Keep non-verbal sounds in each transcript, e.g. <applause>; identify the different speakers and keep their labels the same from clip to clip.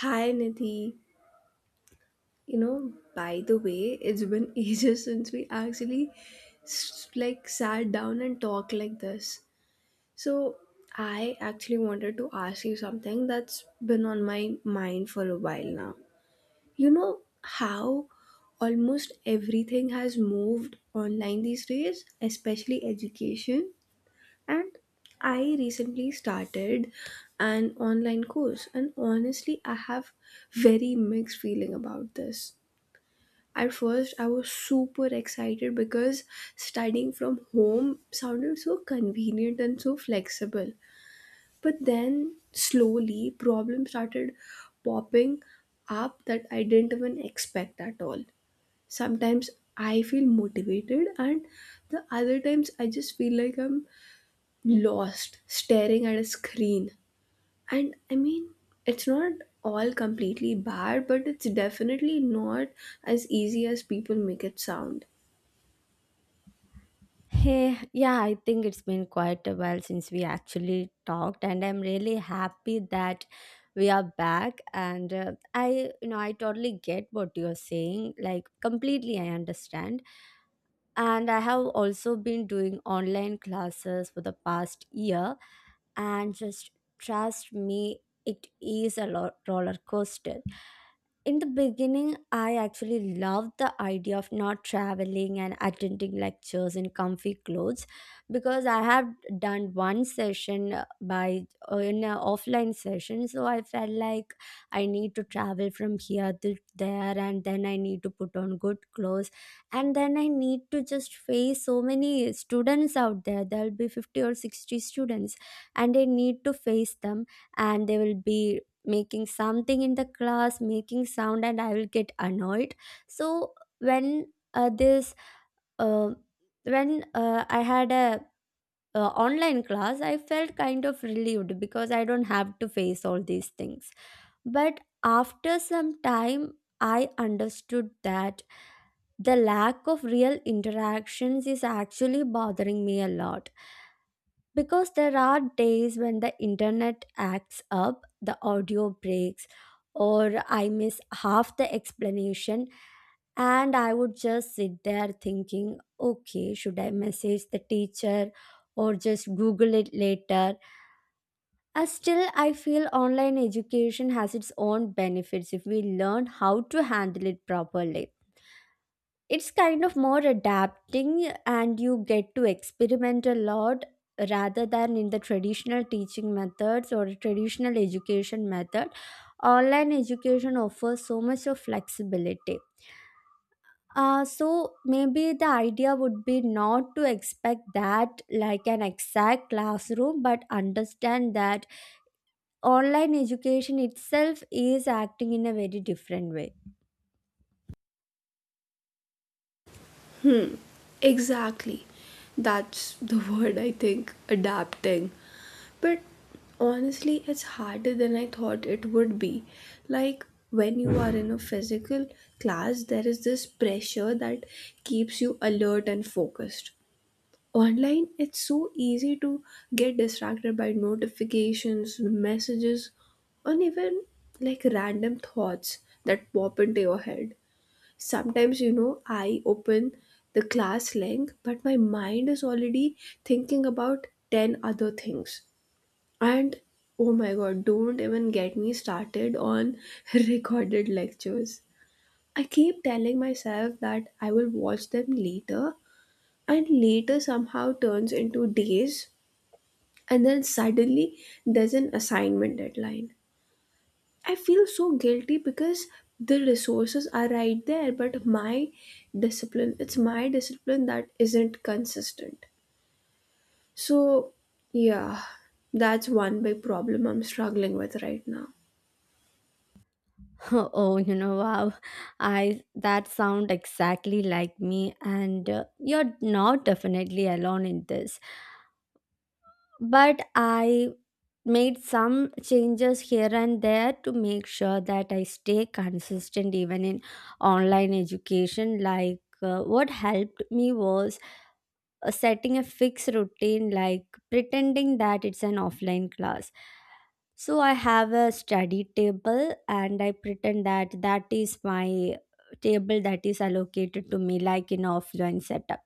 Speaker 1: Hi Nidhi. You know, by the way, it's been <laughs> ages since we actually like sat down and talked like this. So, I actually wanted to ask you something that's been on my mind for a while now. You know how almost everything has moved online these days, especially education? And I recently started an online course, and honestly, I have very mixed feeling about this. At first, I was super excited because studying from home sounded so convenient and so flexible. But then, slowly, problems started popping up that I didn't even expect at all. Sometimes I feel motivated, and the other times I just feel like I'm lost staring at a screen, and I mean it's not all completely bad, but it's definitely not as easy as people make it sound.
Speaker 2: Hey, yeah, I think it's been quite a while since we actually talked, and I'm really happy that we are back. And I totally get what you're saying, like, completely, I understand. And I have also been doing online classes for the past year, and just trust me, it is a roller coaster in the beginning. I actually loved the idea of not traveling and attending lectures in comfy clothes because I have done one session by in an offline session. So I felt like I need to travel from here to there, and then I need to put on good clothes, and then I need to just face so many students out there. There'll be 50 or 60 students, and I need to face them, and they will be making something in the class, making sound, and I will get annoyed. So when this uh, when I had a online class, I felt kind of relieved because I don't have to face all these things. But after some time, I understood that the lack of real interactions is actually bothering me a lot, because there are days when the internet acts up, the audio breaks, or I miss half the explanation, and I would just sit there thinking, okay, should I message the teacher or just Google it later? Still, I feel online education has its own benefits if we learn how to handle it properly. It's kind of more adapting and you get to experiment a lot, rather than in the traditional teaching methods or traditional education method. Online education offers so much of flexibility. So maybe the idea would be not to expect that like an exact classroom, but understand that online education itself is acting in a very different way.
Speaker 1: Exactly. That's the <laughs> word, I think, adapting. But honestly, it's harder than I thought it would be. Like when you are in a physical class, there is this pressure that keeps you alert and focused. Online it's so easy to get distracted by notifications, messages, and even like random thoughts that pop into your head. Sometimes you know I open the class link, but my mind is already thinking about 10 other things. And oh my god, don't even get me started on <laughs> recorded lectures. I keep telling myself that I will watch them later, and later somehow turns into days, and then suddenly there's an assignment deadline. I feel so guilty because the resources are right there, but my discipline, it's my discipline that isn't consistent. So yeah, that's one big problem I'm struggling with right now.
Speaker 2: <laughs> Oh, you know, wow. I that sound exactly like me, and you're not definitely alone in this. But I made some changes here and there to make sure that I stay consistent even in online education. Like what helped me was setting a fixed routine, like pretending that it's an offline class. So I have a study table, and I pretend that that is my table that is allocated to me, like in offline setup.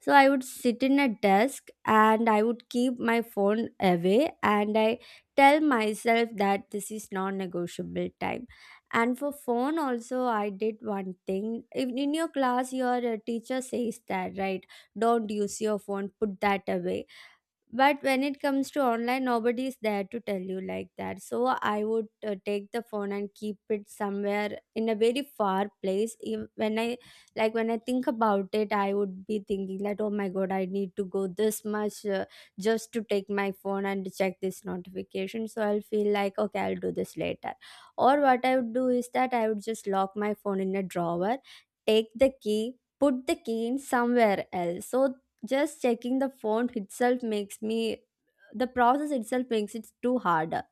Speaker 2: So I would sit in a desk and I would keep my phone away, and I tell myself that this is non-negotiable time. And for phone also, I did one thing. If in your class your teacher says that, right? Don't use your phone, put that away. But when it comes to online, nobody is there to tell you like that, so I would take the phone and keep it somewhere in a very far place. When I, like when I think about it, I would be thinking that, oh my god, I need to go this much just to take my phone and check this notification, so I'll feel like, okay, I'll do this later. Or what I would do is that I would just lock my phone in a drawer, take the key, put the key in somewhere else. So just checking the font itself makes me, the process itself makes it too harder.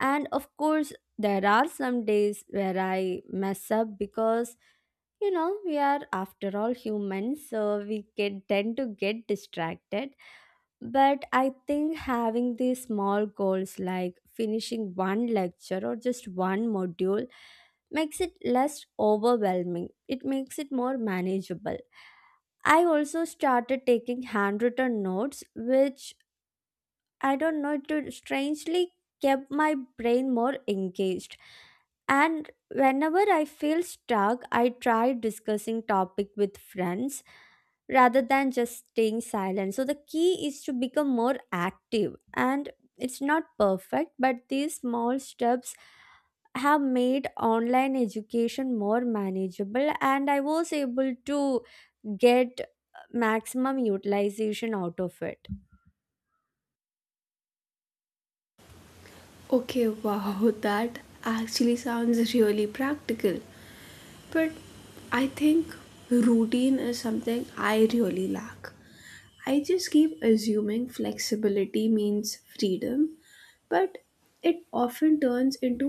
Speaker 2: And of course, there are some days where I mess up, because you know, we are after all humans, so we get tend to get distracted. But I think having these small goals, like finishing one lecture or just one module, makes it less overwhelming, it makes it more manageable. I also started taking handwritten notes, which I don't know, it strangely kept my brain more engaged. And whenever I feel stuck, I try discussing topic with friends rather than just staying silent. So the key is to become more active, and it's not perfect, but these small steps have made online education more manageable, and I was able to get maximum utilization out of it.
Speaker 1: Okay. <laughs> Wow, that actually sounds really practical. But I think routine is something I really lack. I just keep assuming flexibility means freedom, but it often turns into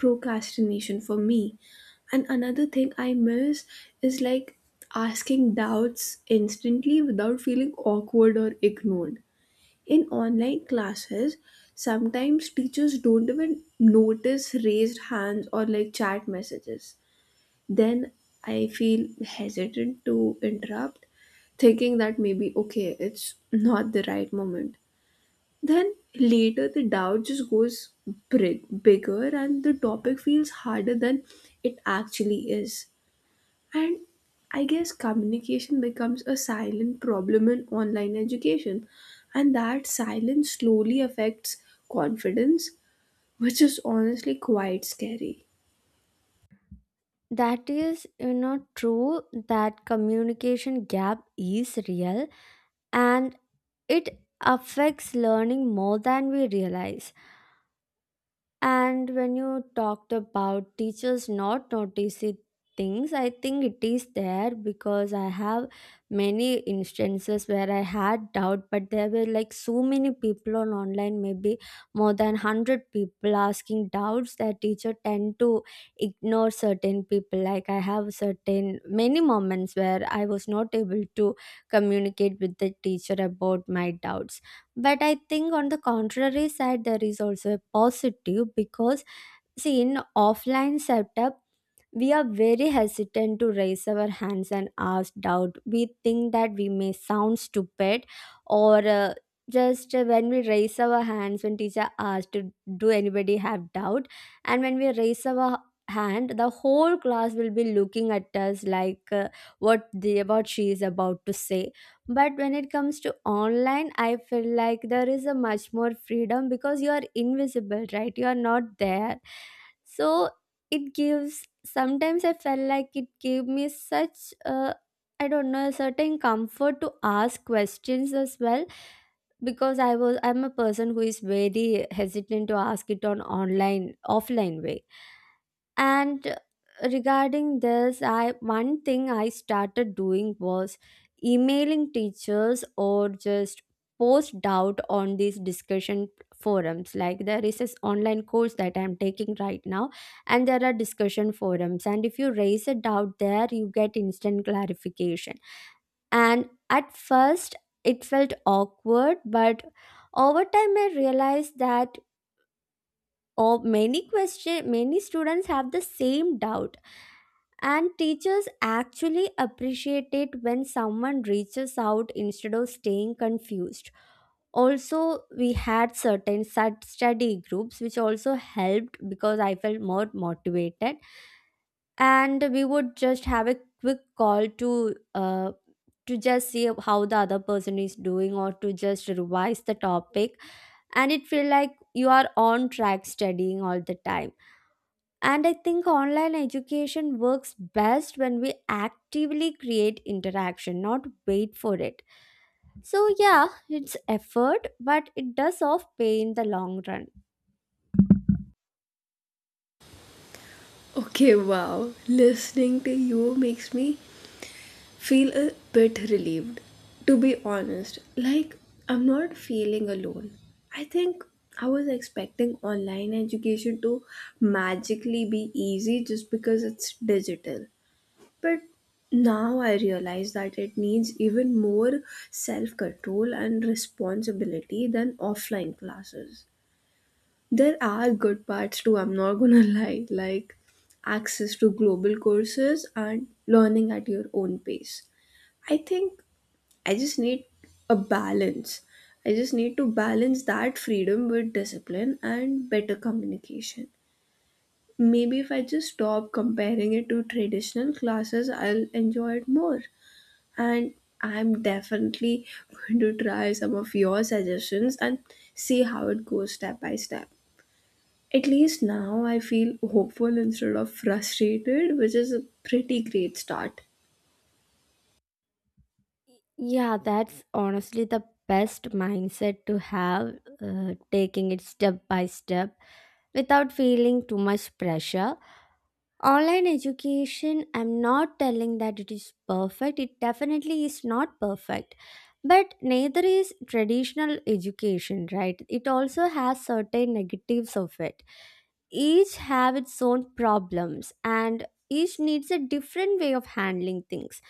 Speaker 1: procrastination for me. And another thing I miss is like asking doubts instantly without feeling awkward or ignored. In online classes, sometimes teachers don't even notice raised hands or like chat messages. Then I feel hesitant to interrupt, thinking that maybe, okay, it's not the right moment. Then later, the doubt just goes big, bigger, and the topic feels harder than it actually is. And I guess communication becomes a silent problem in online education, and that silence slowly affects confidence, which is honestly quite scary.
Speaker 2: That is, you know, true, that communication gap is real, and it affects learning more than we realize. And when you talked about teachers not noticing things, I think it is there, because I have many instances where I had doubt, but there were like so many people on online, maybe more than 100 people asking doubts, that teacher tend to ignore certain people. Like I have certain many moments where I was not able to communicate with the teacher about my doubts. But I think on the contrary side, there is also a positive, because see, in offline setup, we are very hesitant to raise our hands and ask doubt. We think that we may sound stupid, or just when we raise our hands, when teacher asks to do anybody have doubt, and when we raise our hand, the whole class will be looking at us, like what the what she is about to say. But when it comes to online, I feel like there is a much more freedom, because you are invisible, right? You are not there. So it gives, sometimes I felt like it gave me such a, I don't know, a certain comfort to ask questions as well, because I'm a person who is very hesitant to ask it on online offline way. And regarding this, I, one thing I started doing was emailing teachers or just post doubt on these discussion forums. Like there is this online course that I'm taking right now, and there are discussion forums, and if you raise a doubt there, you get instant clarification. And at first, it felt awkward, but over time I realized that, or many question, many students have the same doubt, and teachers actually appreciate it when someone reaches out instead of staying confused. Also, we had certain study groups, which also helped, because I felt more motivated, and we would just have a quick call uh, to just see how the other person is doing or to just revise the topic, and it feel like you are on track studying all the time. And I think online education works best when we actively create interaction, not wait for it. So, yeah, it's effort, but it does off pay in the long run.
Speaker 1: Okay, wow. Listening to you makes me feel a bit relieved. To be honest, like, I'm not feeling alone. I think I was expecting online education to magically be easy just because it's digital. But now I realize that it needs even more self control and responsibility than offline classes. There are good parts too, I'm not gonna <laughs> lie, like access to global courses and learning at your own pace. I think I just need a balance. I just need to balance that freedom with discipline and better communication. Maybe if I just stop comparing it to traditional classes, I'll enjoy it more. And I'm definitely <laughs> going to try some of your suggestions and see how it goes step by step. At least now I feel hopeful instead of frustrated, which is a pretty great start.
Speaker 2: Yeah, that's honestly the best mindset to have, taking it step by step without feeling too much pressure. Online education, I'm not telling that it is perfect, it definitely is not perfect. But neither is traditional education, right? It also has certain negatives of it. Each have its own problems, and each needs a different way of handling things.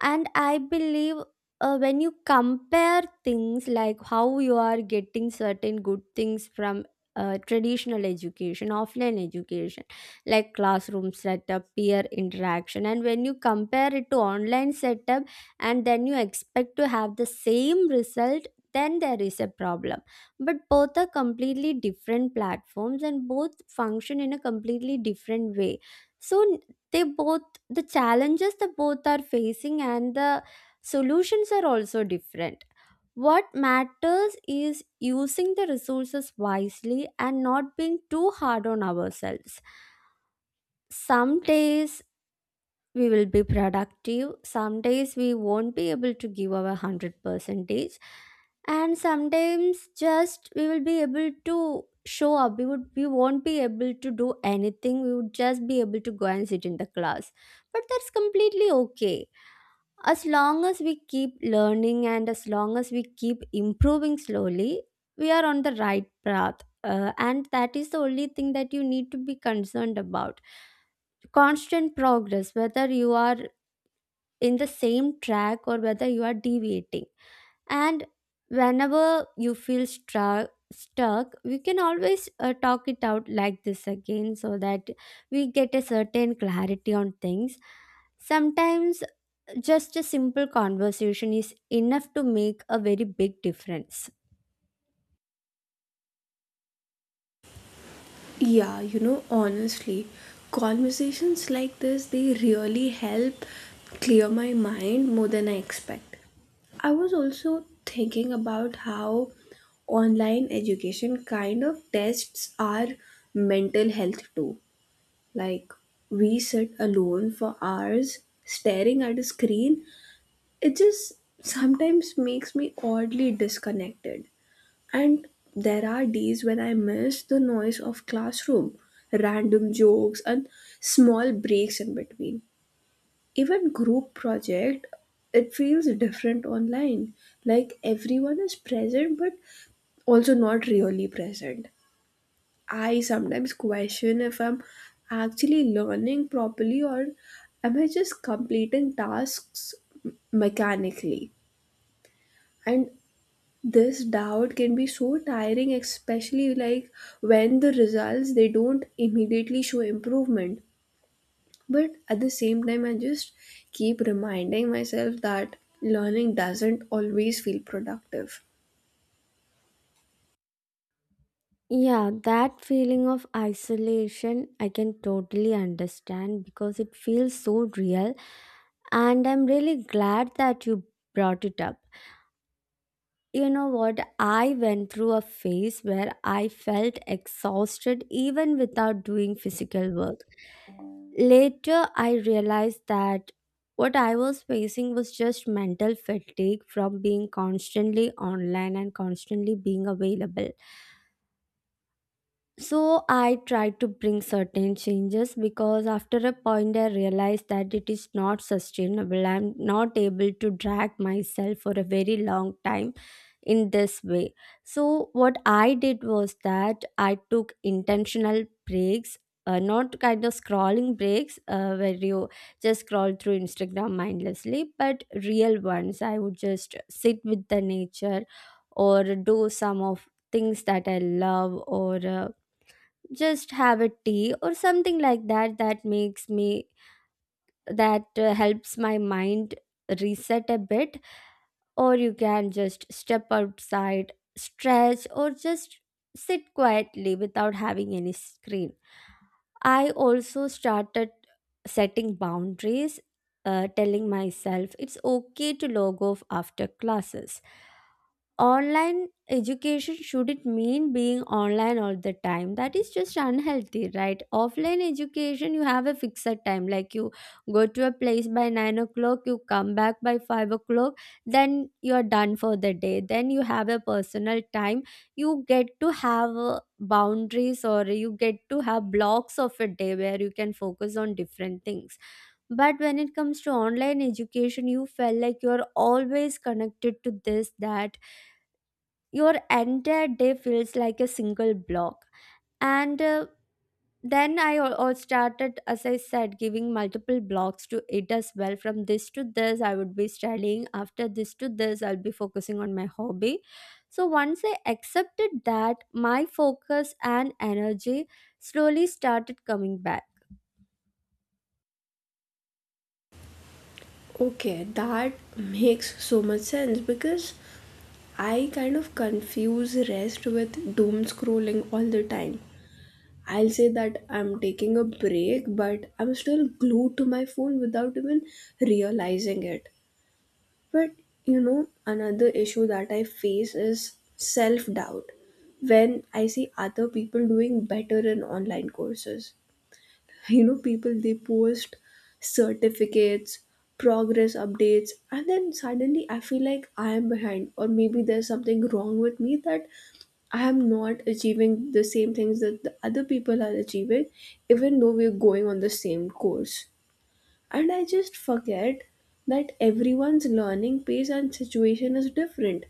Speaker 2: And I believe, when you compare things like how you are getting certain good things from traditional education, offline education, like classroom setup, peer interaction, and when you compare it to online setup, and then you expect to have the same result, then there is a problem. But both are completely different platforms, and both function in a completely different way. so n- they both, the challenges that both are facing and the solutions are also different. What matters is using the resources wisely and not being too hard on ourselves. Some days we will be productive, some days we won't be able to give our 100 percentage, and sometimes just we will be able to show up, we would, we won't be able to do anything, we would just be able to go and sit in the class. But that's completely okay. As long as we keep learning and as long as we keep improving slowly, we are on the right path. And that is the only thing that you need to be concerned about, constant progress, whether you are in the same track or whether you are deviating. And whenever you feel struck stuck, we can always talk it out like this again, so that we get a certain clarity on things. Sometimes just a simple conversation is enough to make a very big difference.
Speaker 1: Yeah, you know, honestly, conversations like this, they really help clear my mind more than I expect. I was also thinking about how online education kind of tests our mental health too. Like, we sit alone for hours staring at a screen. It just sometimes makes me oddly disconnected. And there are days when I miss the noise of classroom, random jokes, and small breaks in between. Even group project, it feels different online. Like everyone is present, but also not really present. I sometimes question if I'm actually learning properly, or am I just completing tasks mechanically? And this doubt can be so tiring, especially like when the results, they don't immediately show improvement. But at the same time, I just keep reminding myself that learning doesn't always feel productive.
Speaker 2: Yeah, that feeling of isolation, I can totally understand, because it feels so real. And I'm really glad that you brought it up. You know what? I went through a phase where I felt exhausted even without doing physical work. Later, I realized that what I was facing was just mental fatigue from being constantly online and constantly being available. So I tried to bring certain changes, because after a point I realized that it is not sustainable. I'm not able to drag myself for a very long time in this way. So what I did was that I took intentional breaks. Not kind of scrolling breaks where you just scroll through Instagram mindlessly, but real ones. I would just sit with the nature or do some of things that I love or just have a tea or something like that that makes me that helps my mind reset a bit, or you can just step outside, stretch, or just sit quietly without having any screen. I also started setting boundaries, telling myself it's okay to log off after classes. Online education shouldn't mean being online all the time. That is just unhealthy, right? Offline education, you have a fixed time. Like you go to a place by 9 o'clock, you come back by 5 o'clock, then you're done for the day, then you have a personal time. You get to have boundaries, or you get to have blocks of a day where you can focus on different things. But when it comes to online education, you felt like you're always connected to this, that your entire day feels like a single block. And uh, then i al- all started, as I said, giving multiple blocks to it as well. From this to this I would be studying, after this to this I'll be focusing on my hobby. So once I accepted that, my focus and energy slowly started coming back.
Speaker 1: Okay, that makes so much sense because I kind of confuse rest with doom scrolling all the time. I'll say that I'm taking a break, but I'm still glued to my phone without even realizing it. But you know, another issue that I face is self doubt when I see other people doing better in online courses. <laughs> You know, people they post certificates, progress updates, and then suddenly I feel like I am behind, or maybe there's something wrong with me that I am not achieving the same things that the other people are achieving, even though we're going on the same course. And I just forget that everyone's learning pace and situation is different.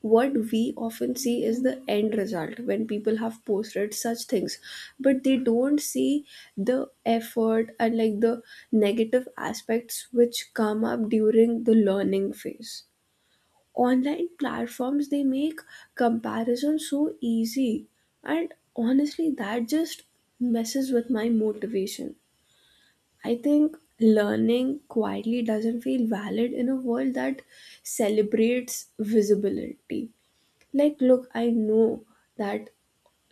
Speaker 1: What we often see is the end result when people have posted such things, but they don't see the effort and like the negative aspects which come up during the learning phase. Online platforms, they make comparison so easy, and honestly, that just messes with my motivation. I think learning quietly doesn't feel valid in a world that celebrates visibility. Like, look, I know that,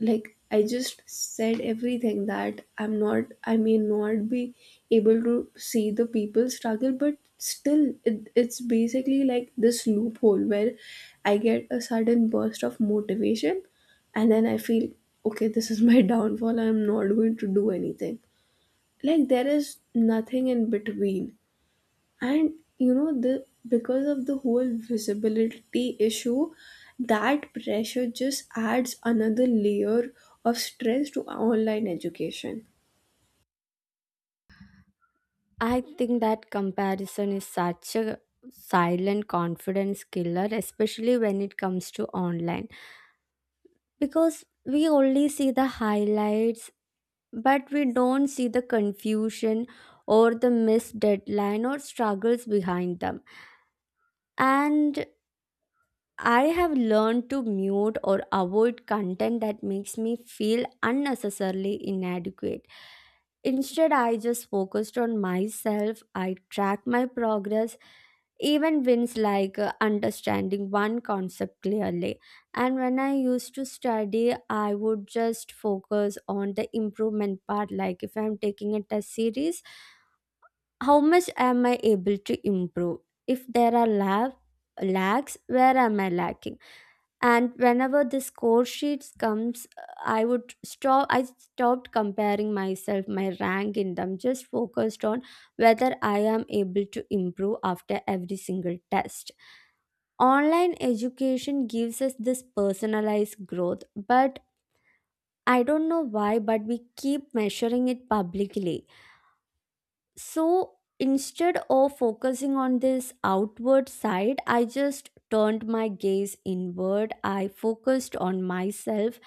Speaker 1: like, I just said everything that I'm not, I may not be able to see the people struggle, but still, it's basically like this loophole where I get a sudden burst of motivation and then I feel, okay, this is my <laughs> downfall, I'm not going to do anything. Like there is nothing in between. And you know, the, because of the whole visibility issue, that pressure just adds another layer of stress to online education.
Speaker 2: I think that comparison is such a silent confidence killer, especially when it comes to online, because we only see the highlights, but we don't see the confusion or the missed deadline or struggles behind them. And I have learned to mute or avoid content that makes me feel unnecessarily inadequate. Instead, I just focused on myself. I track my progress, even wins like understanding one concept clearly. And when I used to study, I would just focus on the improvement part. Like if I'm taking a test series, how much am I able to improve? If there are lab, lags, where am I lacking? And whenever the score sheets comes, I stopped comparing myself, my rank in them, just focused on whether I am able to improve after every single test. Online education gives us this personalized growth, but I don't know why, but we keep measuring it publicly. So instead of focusing on this outward side, I just turned my gaze inward. I focused on myself,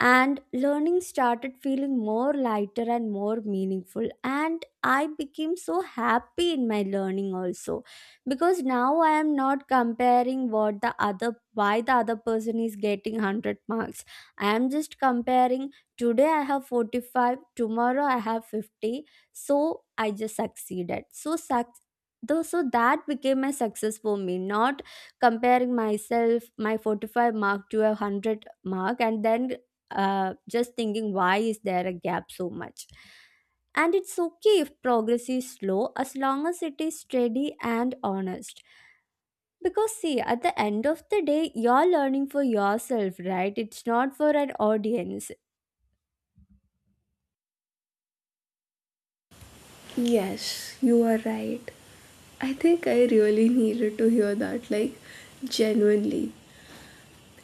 Speaker 2: and learning started feeling more lighter and more meaningful. And I became so happy in my learning also, because now I am not comparing what the other, why the other person is getting 100 marks. I am just comparing today I have 45, tomorrow I have 50. So i just succeeded so suc- though so that became my success for me, not comparing myself, my 45 mark to a 100 mark and then just thinking why is there a gap so much. And it's okay if progress is slow, as long as it is steady and honest, because see, at the end of the day, you're learning for yourself, right? It's not for an audience.
Speaker 1: Yes, you are right. I think I really needed to hear that, like, genuinely.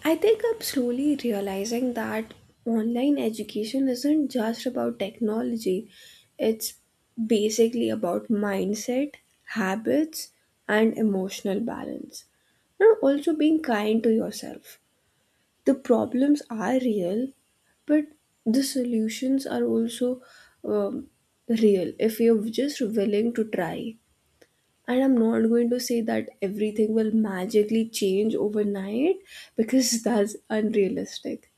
Speaker 1: I think I'm slowly realizing that online education isn't just about technology, it's basically about mindset, habits, and emotional balance. And also being kind to yourself. The problems are real, but the solutions are also um, real if you're just willing to try. And I'm not going to say that everything will magically change overnight because <laughs> that's unrealistic.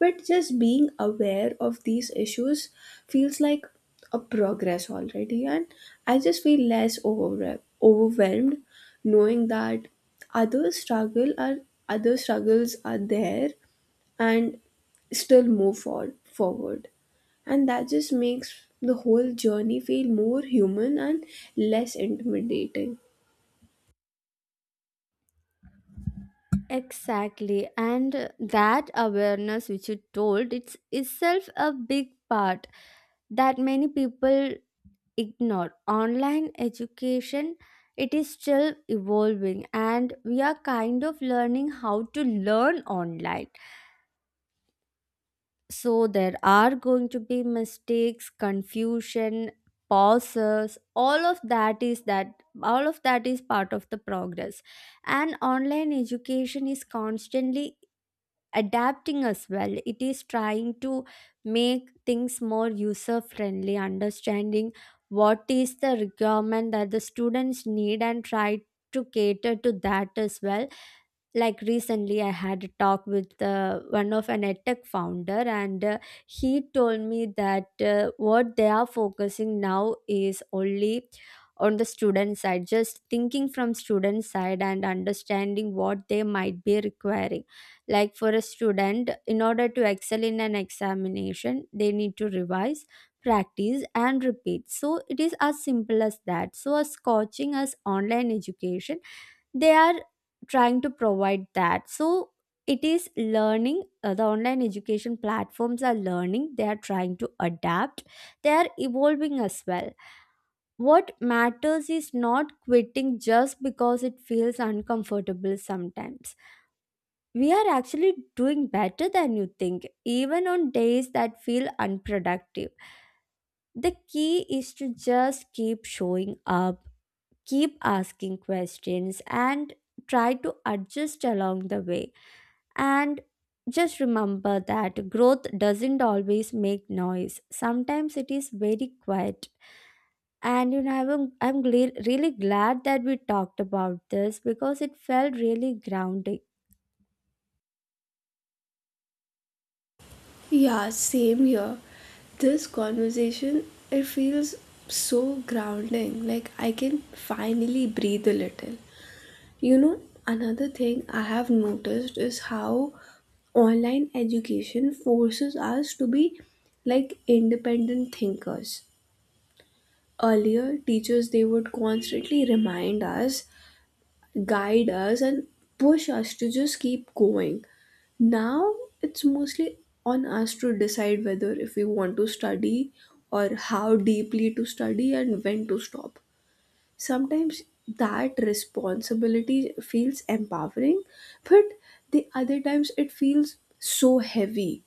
Speaker 1: But just being aware of these issues feels like a progress already, and I just feel less overwhelmed knowing that other struggle are other struggles are there and still move forward, and that just makes the whole journey feel more human and less intimidating.
Speaker 2: Exactly, and that awareness which you told, it's itself a big part that many people ignore. Online education, it is still evolving, and we are kind of learning how to learn online. So there are going to be mistakes, confusion, pauses, all of that is part of the progress. And online education is constantly adapting as well. It is trying to make things more user friendly, understanding what is the requirement that the students need, and try to cater to that as well. Like recently I had a talk with one of an edtech founder, and he told me that what they are focusing now is only on the student side, just thinking from student side and understanding what they might be requiring. Like for a student, in order to excel in an examination, they need to revise, practice and repeat. So it is as simple as that. So as coaching, as online education, they are trying to provide that. So it is learning, the online education platforms are learning, they are trying to adapt, they are evolving as well. What matters is not quitting just because it feels uncomfortable. Sometimes we are actually doing better than you think, even on days that feel unproductive. The key is to just keep showing up, keep asking questions, and try to adjust along the way. And just remember that growth doesn't always make noise. Sometimes it is very quiet. And you know, I'm really glad that we talked about this because it felt really grounding.
Speaker 1: Yeah, same here. This conversation, it feels so grounding. Like I can finally breathe a little. You know, another thing I have noticed is how online education forces us to be like independent thinkers. Earlier, teachers they would constantly remind us, guide us, and push us to just keep going. Now it's mostly on us to decide whether if we want to study or how deeply to study and when to stop. Sometimes that responsibility feels empowering, but the other times it feels so heavy,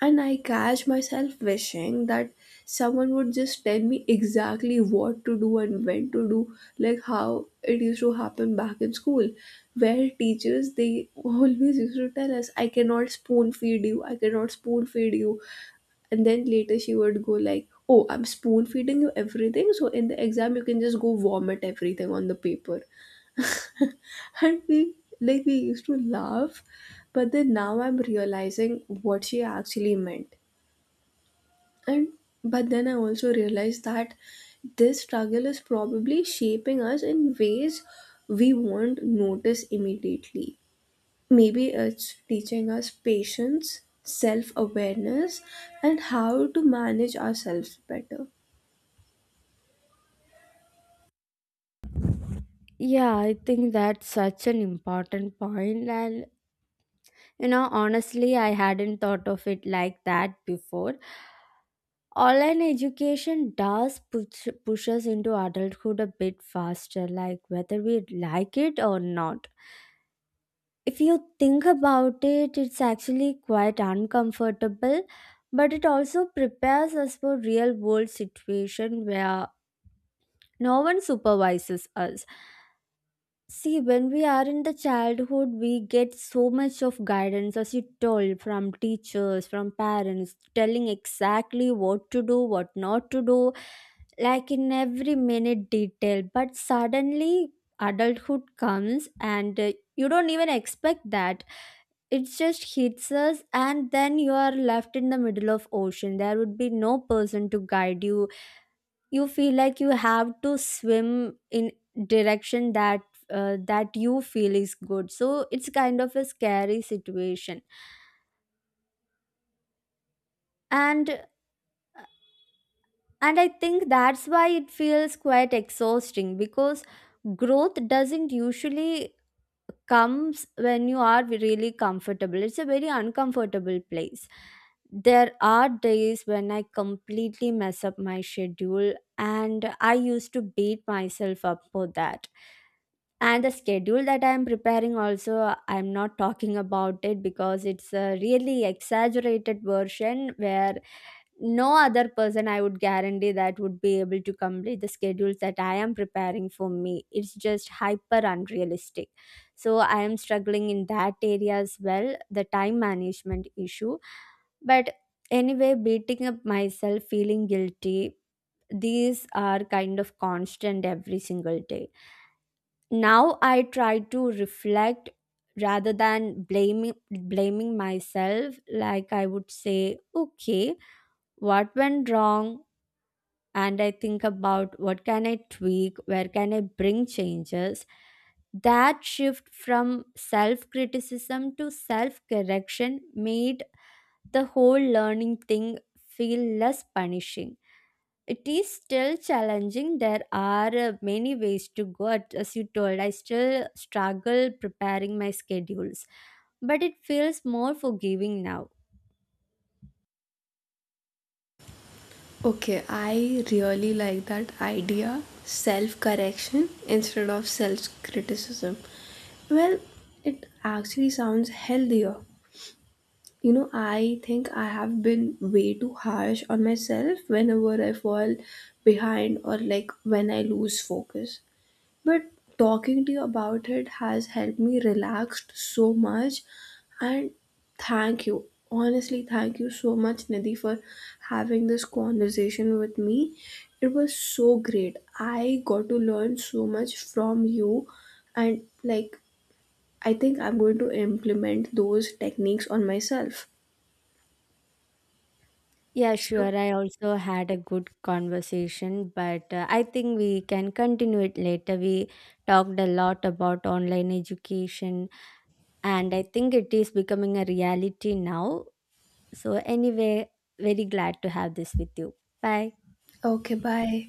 Speaker 1: and I catch myself wishing that someone would just tell me exactly what to do and when to do, like how it used to happen back in school, where teachers they <laughs> always used to tell us, I cannot spoon feed you, I cannot spoon feed you, and then later she would go like, oh, I'm spoon feeding you everything so in the exam you can just go vomit everything on the paper. <laughs> And we, like we used to laugh, but then now I'm realizing what she actually meant. And but then I also realized that this struggle is probably shaping us in ways we won't notice immediately. Maybe it's teaching us patience, self awareness, and how to manage ourselves better.
Speaker 2: Yeah, I think that's such an important point. And you know, honestly, I hadn't thought of it like that before. Online education does push us into adulthood a bit faster, like whether we like it or not. If you think about it, it's actually quite uncomfortable, but it also prepares us for real world situation where no one supervises us. See, when we are in the childhood, we get so much of guidance, as you told, from teachers, from parents, telling exactly what to do, what not to do, like in every minute detail. But suddenly, adulthood comes, and you don't even expect that. It just hits us, and then you are left in the middle of ocean. There would be no person to guide you. You feel like you have to swim in direction that that you feel is good. So it's kind of a scary situation. And and I think that's why it feels quite exhausting, because growth doesn't usually comes when you are really comfortable. It's a very uncomfortable place. There are days when I completely mess up my schedule, and I used to beat myself up for that. And the schedule that I am preparing, also, I'm not talking about it because it's a really exaggerated version where no other person, I would guarantee, that would be able to complete the schedules that I am preparing for me. It's just hyper unrealistic. So I am struggling in that area as well, the time management issue. But anyway, beating up myself, feeling guilty, these are kind of constant every single day. Now I try to reflect rather than blaming myself. Like I would say, okay, what went wrong, and I think about what can I tweak, where can I bring changes. That shift from self criticism to self correction made the whole learning thing feel less punishing. It is still challenging. There are many ways to go at- as you told, I still struggle preparing my schedules, but it feels more forgiving now.
Speaker 1: Okay, I really like that idea, self correction instead of self criticism. Well, it actually sounds healthier. You know, I think I have been way too harsh on myself whenever I fall behind or like when I lose focus. But talking to you about it has helped me relaxed so much, and thank you. Honestly, thank you so much Nidhi for having this conversation with me. It was so great. I got to learn so much from you, and like I think I'm going to implement those techniques on myself.
Speaker 2: Yeah,
Speaker 1: So,
Speaker 2: sure. I also had a good conversation, but I think we can continue it later. We talked a lot about online education, and I think it is becoming a reality now. So, anyway, very glad to have this with you. Bye.
Speaker 1: okay, bye.